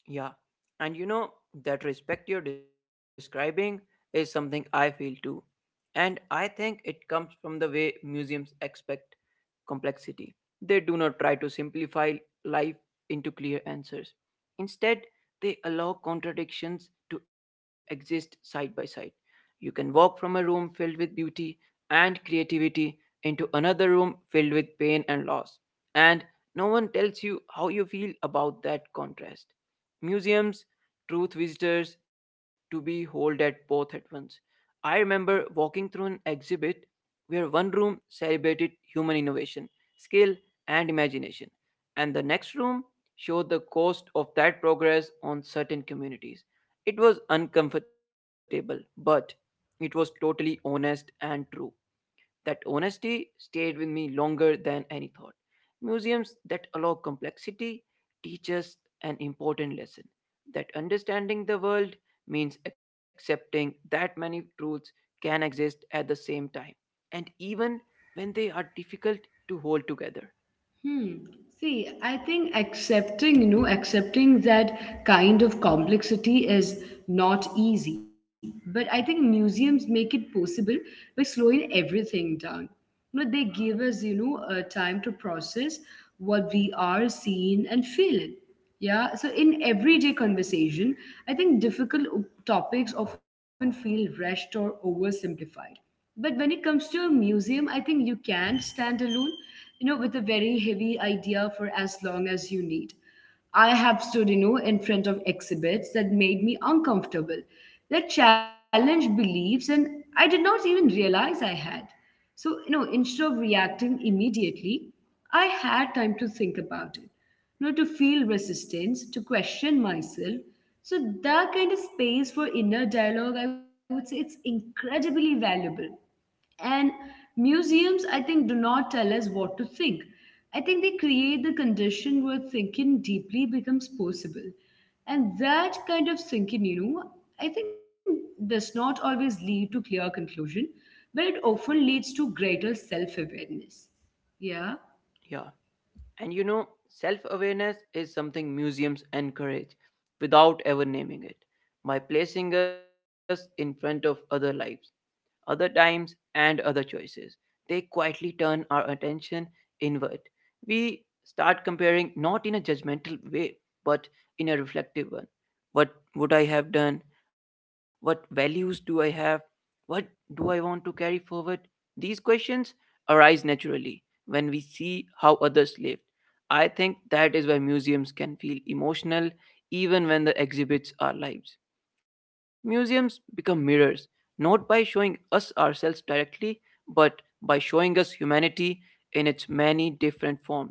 Yeah. And you know, that respect you're describing is something I feel too. And I think it comes from the way museums expect complexity. They do not try to simplify life into clear answers. Instead, they allow contradictions to exist side by side. You can walk from a room filled with beauty and creativity into another room filled with pain and loss. And no one tells you how you feel about that contrast. Museums truth visitors to be hold at both at once. I remember walking through an exhibit where one room celebrated human innovation, skill, and imagination, and the next room showed the cost of that progress on certain communities. It was uncomfortable, but it was totally honest and true. That honesty stayed with me longer than any thought. Museums that allow complexity teach us an important lesson that understanding the world means accepting that many truths can exist at the same time and even when they are difficult to hold together.
Hmm. See, I think accepting, you know, accepting that kind of complexity is not easy. But I think museums make it possible by slowing everything down. You know, they give us, you know, time to process what we are seeing and feeling. Yeah. So in everyday conversation, I think difficult topics often feel rushed or oversimplified. But when it comes to a museum, I think you can stand alone, you know, with a very heavy idea for as long as you need. I have stood, you know, in front of exhibits that made me uncomfortable, that challenged beliefs, and I did not even realize I had. So, you know, instead of reacting immediately, I had time to think about it, not to feel resistance, to question myself. So that kind of space for inner dialogue, I would say it's incredibly valuable. And museums, I think, do not tell us what to think. I think they create the condition where thinking deeply becomes possible. And that kind of thinking, you know, I think does not always lead to clear conclusion, but it often leads to greater self-awareness. Yeah.
Yeah. And you know, self awareness is something museums encourage without ever naming it by placing us in front of other lives, other times, and other choices. They quietly turn our attention inward. We start comparing not in a judgmental way, but in a reflective one. What would I have done? What values do I have? What do I want to carry forward? These questions arise naturally when we see how others lived. I think that is why museums can feel emotional even when the exhibits are lives. Museums become mirrors not by showing us ourselves directly, but by showing us humanity in its many different forms.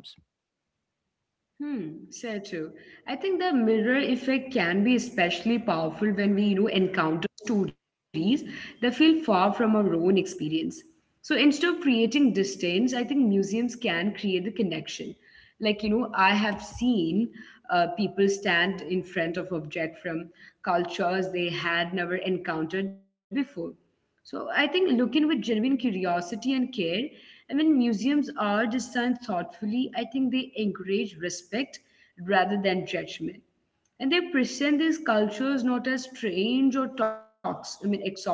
Hmm, so true. I think the mirror effect can be especially powerful when we, you know, encounter stories that feel far from our own experience. So instead of creating distance, I think museums can create the connection. Like, you know, I have seen people stand in front of object from cultures they had never encountered before. So I think looking with genuine curiosity and care, and when museums are designed thoughtfully, I think they encourage respect rather than judgment. And they present these cultures not as strange or I mean exotic,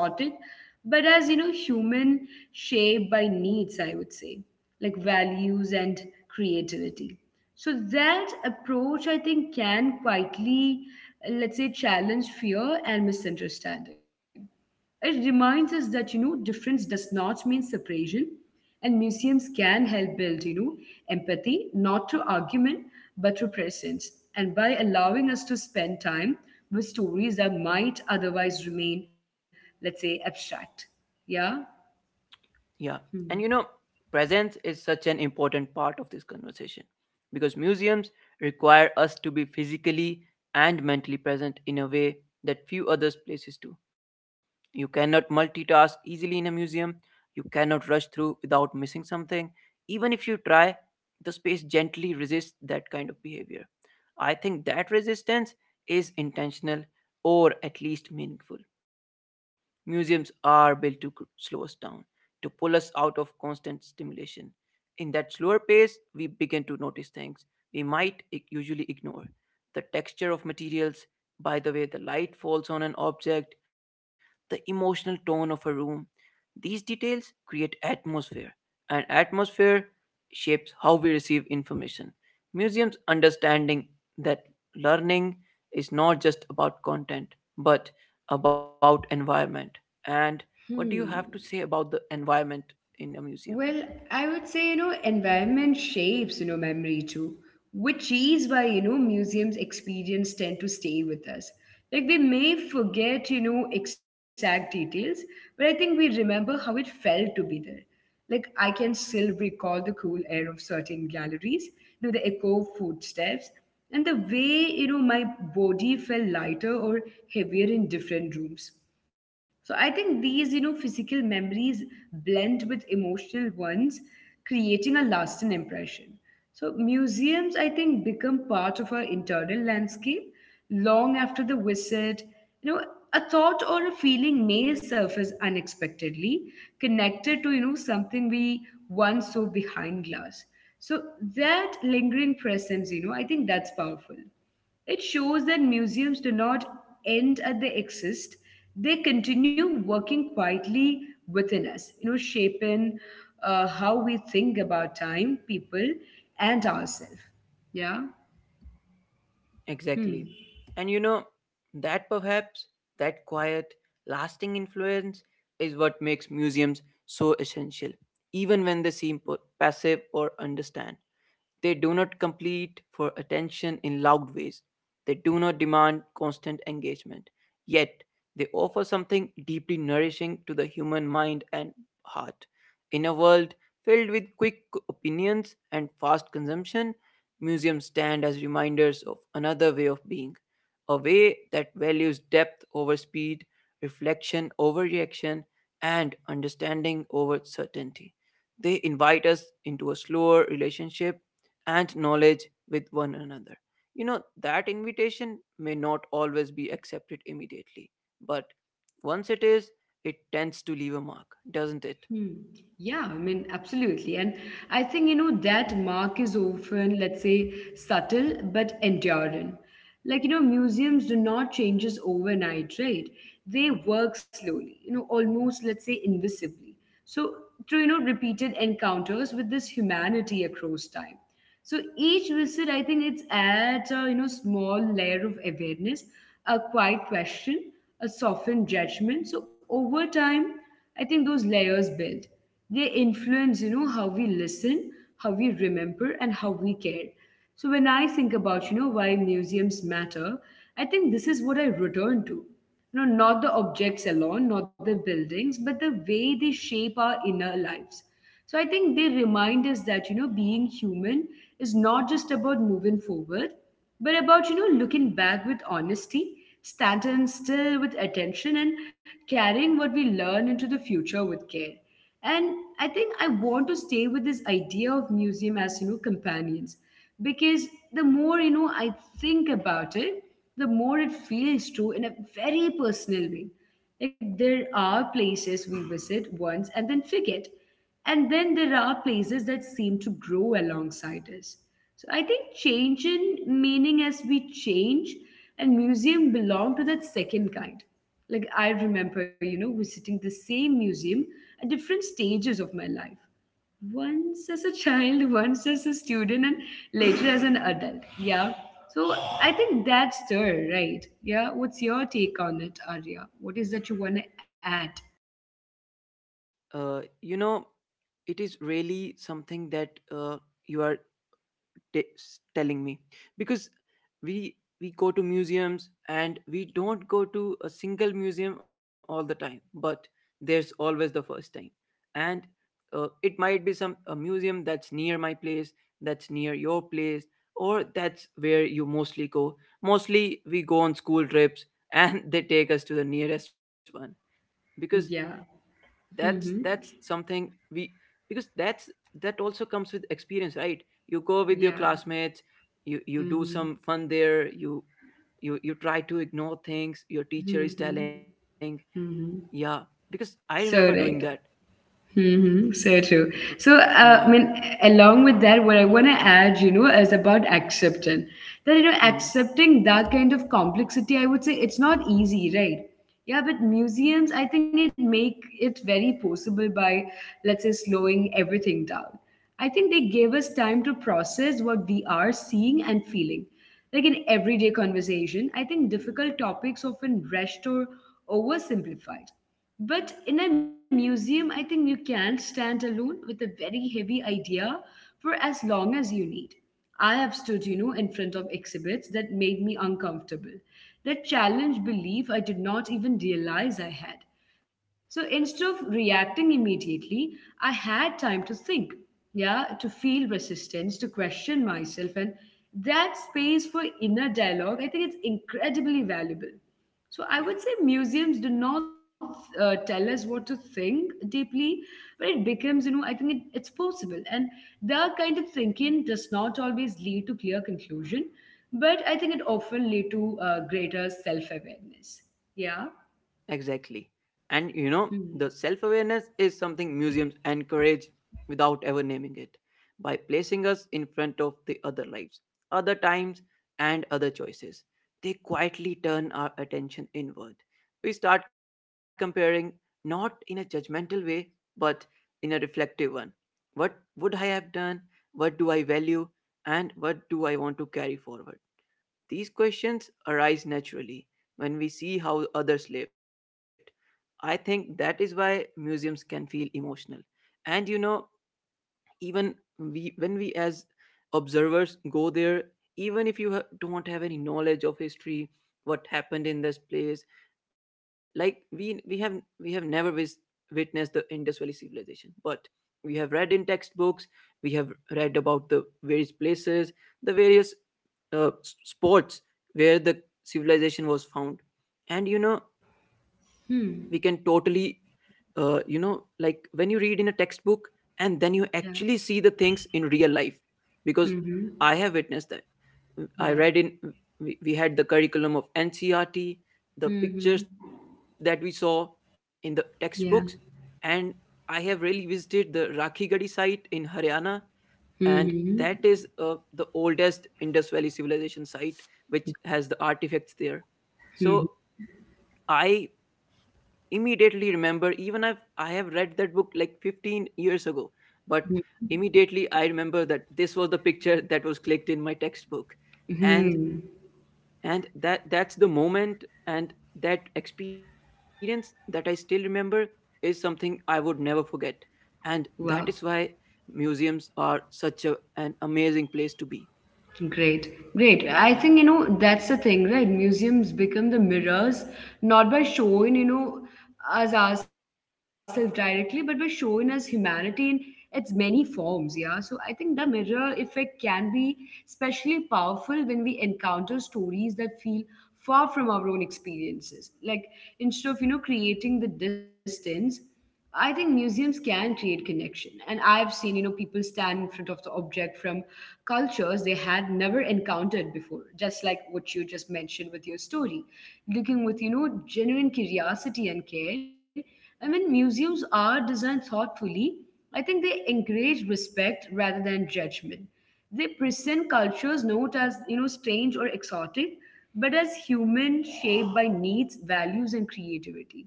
but as you know, human shaped by needs, I would say, like values and creativity. So that approach I think can quietly, let's say, challenge fear and misunderstanding. It reminds us that you know difference does not mean separation, and museums can help build you know empathy not through argument but through presence, and by allowing us to spend time with stories that might otherwise remain, let's say, abstract. Yeah.
Yeah. And you
Hmm.
know, presence is such an important part of this conversation because museums require us to be physically and mentally present in a way that few other places do. You cannot multitask easily in a museum. You cannot rush through without missing something. Even if you try, the space gently resists that kind of behavior. I think that resistance is intentional or at least meaningful. Museums are built to slow us down, to pull us out of constant stimulation. In that slower pace, we begin to notice things we might usually ignore. The texture of materials, by the way the light falls on an object, the emotional tone of a room, these details create atmosphere, and atmosphere shapes how we receive information. Museums understanding that learning is not just about content, but about environment. And
Hmm.
what do you have to say about the environment in a
Well,
museum?
I would say, you know, environment shapes, you know, memory too, which is why, you know, museums experience tend to stay with us. Like we may forget, you know, exact details, but I think we remember how it felt to be there. Like I can still recall the cool air of certain galleries, you know, the echo of footsteps, and the way, you know, my body felt lighter or heavier in different rooms. So I think these, you know, physical memories blend with emotional ones, creating a lasting impression. So museums, I think, become part of our internal landscape long after the visit. You know, a thought or a feeling may surface unexpectedly, connected to, you know, something we once saw behind glass. So that lingering presence, you know, I think that's powerful. It shows that museums do not end at they exist, they continue working quietly within us, you know, shaping how we think about time, people, and ourselves. Yeah.
Exactly.
Hmm.
And you know, that perhaps, that quiet, lasting influence is what makes museums so essential, even when they seem passive or understand. They do not compete for attention in loud ways. They do not demand constant engagement. Yet, they offer something deeply nourishing to the human mind and heart. In a world filled with quick opinions and fast consumption, museums stand as reminders of another way of being, a way that values depth over speed, reflection over reaction, and understanding over certainty. They invite us into a slower relationship and knowledge with one another. You know, that invitation may not always be accepted immediately, but once it is, it tends to leave a mark, doesn't it?
Hmm. Yeah, I mean, absolutely. And I think, you know, that mark is often, let's say, subtle but enduring. Like, you know, museums do not changes overnight, right? They work slowly, you know, almost, let's say, invisibly. So, through, you know, repeated encounters with this humanity across time. So each visit, I think it's adds a you know small layer of awareness, a quiet question, a softened judgment. So over time, I think those layers build. They influence you know how we listen, how we remember, and how we care. So when I think about you know why museums matter, I think this is what I return to. No, not the objects alone, not the buildings, but the way they shape our inner lives. So I think they remind us that, you know, being human is not just about moving forward, but about, you know, looking back with honesty, standing still with attention, and carrying what we learn into the future with care. And I think I want to stay with this idea of museum as, you know, companions. Because the more, you know, I think about it, the more it feels true in a very personal way. Like there are places we visit once and then forget. And then there are places that seem to grow alongside us. So I think change in meaning as we change, and museum belong to that second kind. Like I remember, you know, visiting the same museum at different stages of my life. Once as a child, once as a student, and later as an adult. Yeah. So I think that's there, right? Yeah. What's your take on it, Arya? What is that you want to add?
You know, it is really something that you are t- telling me because we we go to museums and we don't go to a single museum all the time, but there's always the first time. And it might be some a museum that's near my place, that's near your place, or that's where you mostly go. Mostly we go on school trips, and they take us to the nearest one. Because
Yeah.
that's
Mm-hmm.
that's something we, because that's, that also comes with experience, right? You go with your
Yeah.
classmates, you do some
Mm-hmm.
fun there. You You try to ignore things your teacher is
Mm-hmm.
telling. Yeah,
Mm-hmm.
because I remember doing
So
that.
right. Mm-hmm, so
Mm,
true.
mm,
So,
yeah.
I mean, along with that, what I want to add, you know, is about accepting that, you know,
Mm,
accepting that kind of complexity, I would say it's not easy, right? Yeah, but museums, I think it make it very possible by, let's say, slowing everything down. I think they gave us time to process what we are seeing and feeling. Like in everyday conversation, I think difficult topics often rushed or oversimplified, but in a museum, I think you can stand alone with a very heavy idea for as long as you need. I have stood, you know, in front of exhibits that made me uncomfortable, that challenged belief I did not even realize I had. So instead of reacting immediately, I had time to think, yeah, to feel resistance, to question myself. And that space for inner dialogue, I think it's incredibly valuable. So I would
yeah.
say museums do not tell us what to think deeply, but it becomes, you know, I think it's possible. And their kind of thinking does not always lead to clear conclusion, but I think it often lead to greater self-awareness. Yeah.
Exactly. And you know,
Hmm.
the self awareness is something museums encourage without ever naming it by placing us in front of the other lives, other times, and other choices. They quietly turn our attention inward. We start comparing not in a judgmental way, but in a reflective one. What would I have done? What do I value? And what do I want to carry forward? These questions arise naturally when we see how others lived. I think that is why museums can feel emotional. And you know, even we when we as observers go there, even if you don't have any knowledge of history, what happened in this place, like we have, we have never witnessed the Indus Valley civilization, but we have read in textbooks. We have read about the various places, the various spots where the civilization was found. And you know, we can
Hmm.
totally, you know, like when you read in a textbook and then you
Yeah.
actually see the things in real life. Because
Mm-hmm.
I have witnessed that. I
Wow.
read in, we had the curriculum of NCRT, the pictures that
Mm-hmm.
we saw in the textbooks,
Yeah.
and I have really visited the Rakhigadi site in Haryana, and that
Mm-hmm.
is the oldest Indus Valley civilization site, which has the artifacts there.
Mm-hmm.
So I immediately remember, even I have read that book like 15 years ago, but immediately I remember that this was the picture that was clicked in my textbook.
Mm-hmm.
And
Hmm.
that's the moment, and that experience that I still remember is something I would never forget. And that is
Wow.
why museums are such a, an amazing place to be.
Great, great. I
Yeah,
think, you know, that's the thing, right? Museums become the mirrors, not by showing, you know, us ourselves directly, but by showing us humanity in its many forms, yeah. So I think the mirror effect can be especially powerful when we encounter stories that feel far from our own experiences. Like instead of, you know, creating the distance, I think museums can create connection. And I've seen, you know, people stand in front of the object from cultures they had never encountered before, just like what you just mentioned with your story. Looking with, you know, genuine curiosity and care. I mean, museums are designed thoughtfully. I think they encourage respect rather than judgment. They present cultures not as, you know, strange or exotic, but as human shaped by needs, values, and creativity.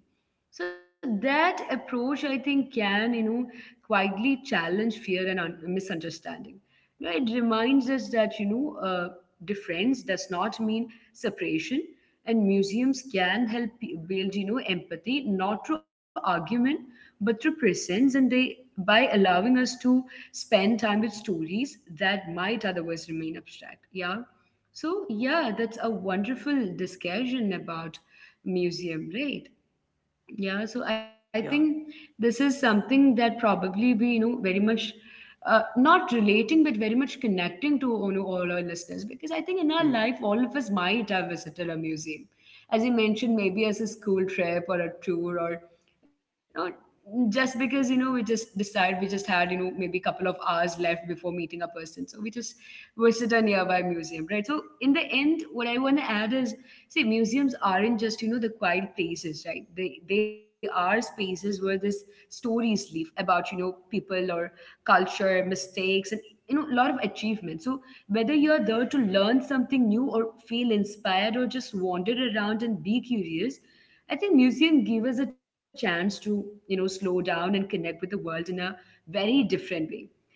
So that approach, I think, can, you know, quietly challenge fear and misunderstanding. You know, it reminds us that, you know, difference does not mean separation, and museums can help build, you know, empathy not through argument but through presence, and they by allowing us to spend time with stories that might otherwise remain abstract. Yeah. So yeah, that's a wonderful discussion about museum, right? Yeah,
yeah,
so I think this is something that probably we, you know, very much not relating, but very much connecting to, you know, all our listeners, because I think in our
mm,
life, all of us might have visited a museum. As you mentioned, maybe as a school trip or a tour or, you know, just because, you know, we just decide, we just had, you know, maybe a couple of hours left before meeting a person, so we just visit a nearby museum, right? So in the end, what I want to add is, see, museums aren't just, you know, the quiet places, right? They are spaces where these stories live about, you know, people or culture, mistakes, and, you know, a lot of achievement. So whether you're there to learn something new or feel inspired or just wander around and be curious, I think museum give us a chance to, you know, slow down and connect with the world in a very different way.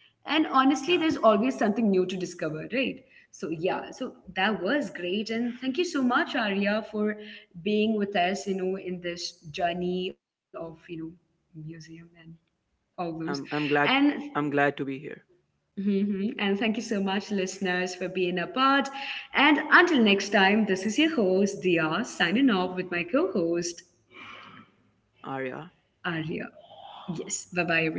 And honestly, there's
yeah.
always something new to discover, right? So yeah, so that was great, and thank you so much, Arya, for being with us, you know, in this journey of, you know, museum and all
I'm
those.
I'm glad.
And
I'm glad to be here,
mhm, and thank you so much, listeners, for being a part. And until next time, this is your host Dia signing off with my co-host
Arya.
Arya. Yes. Bye bye, everyone.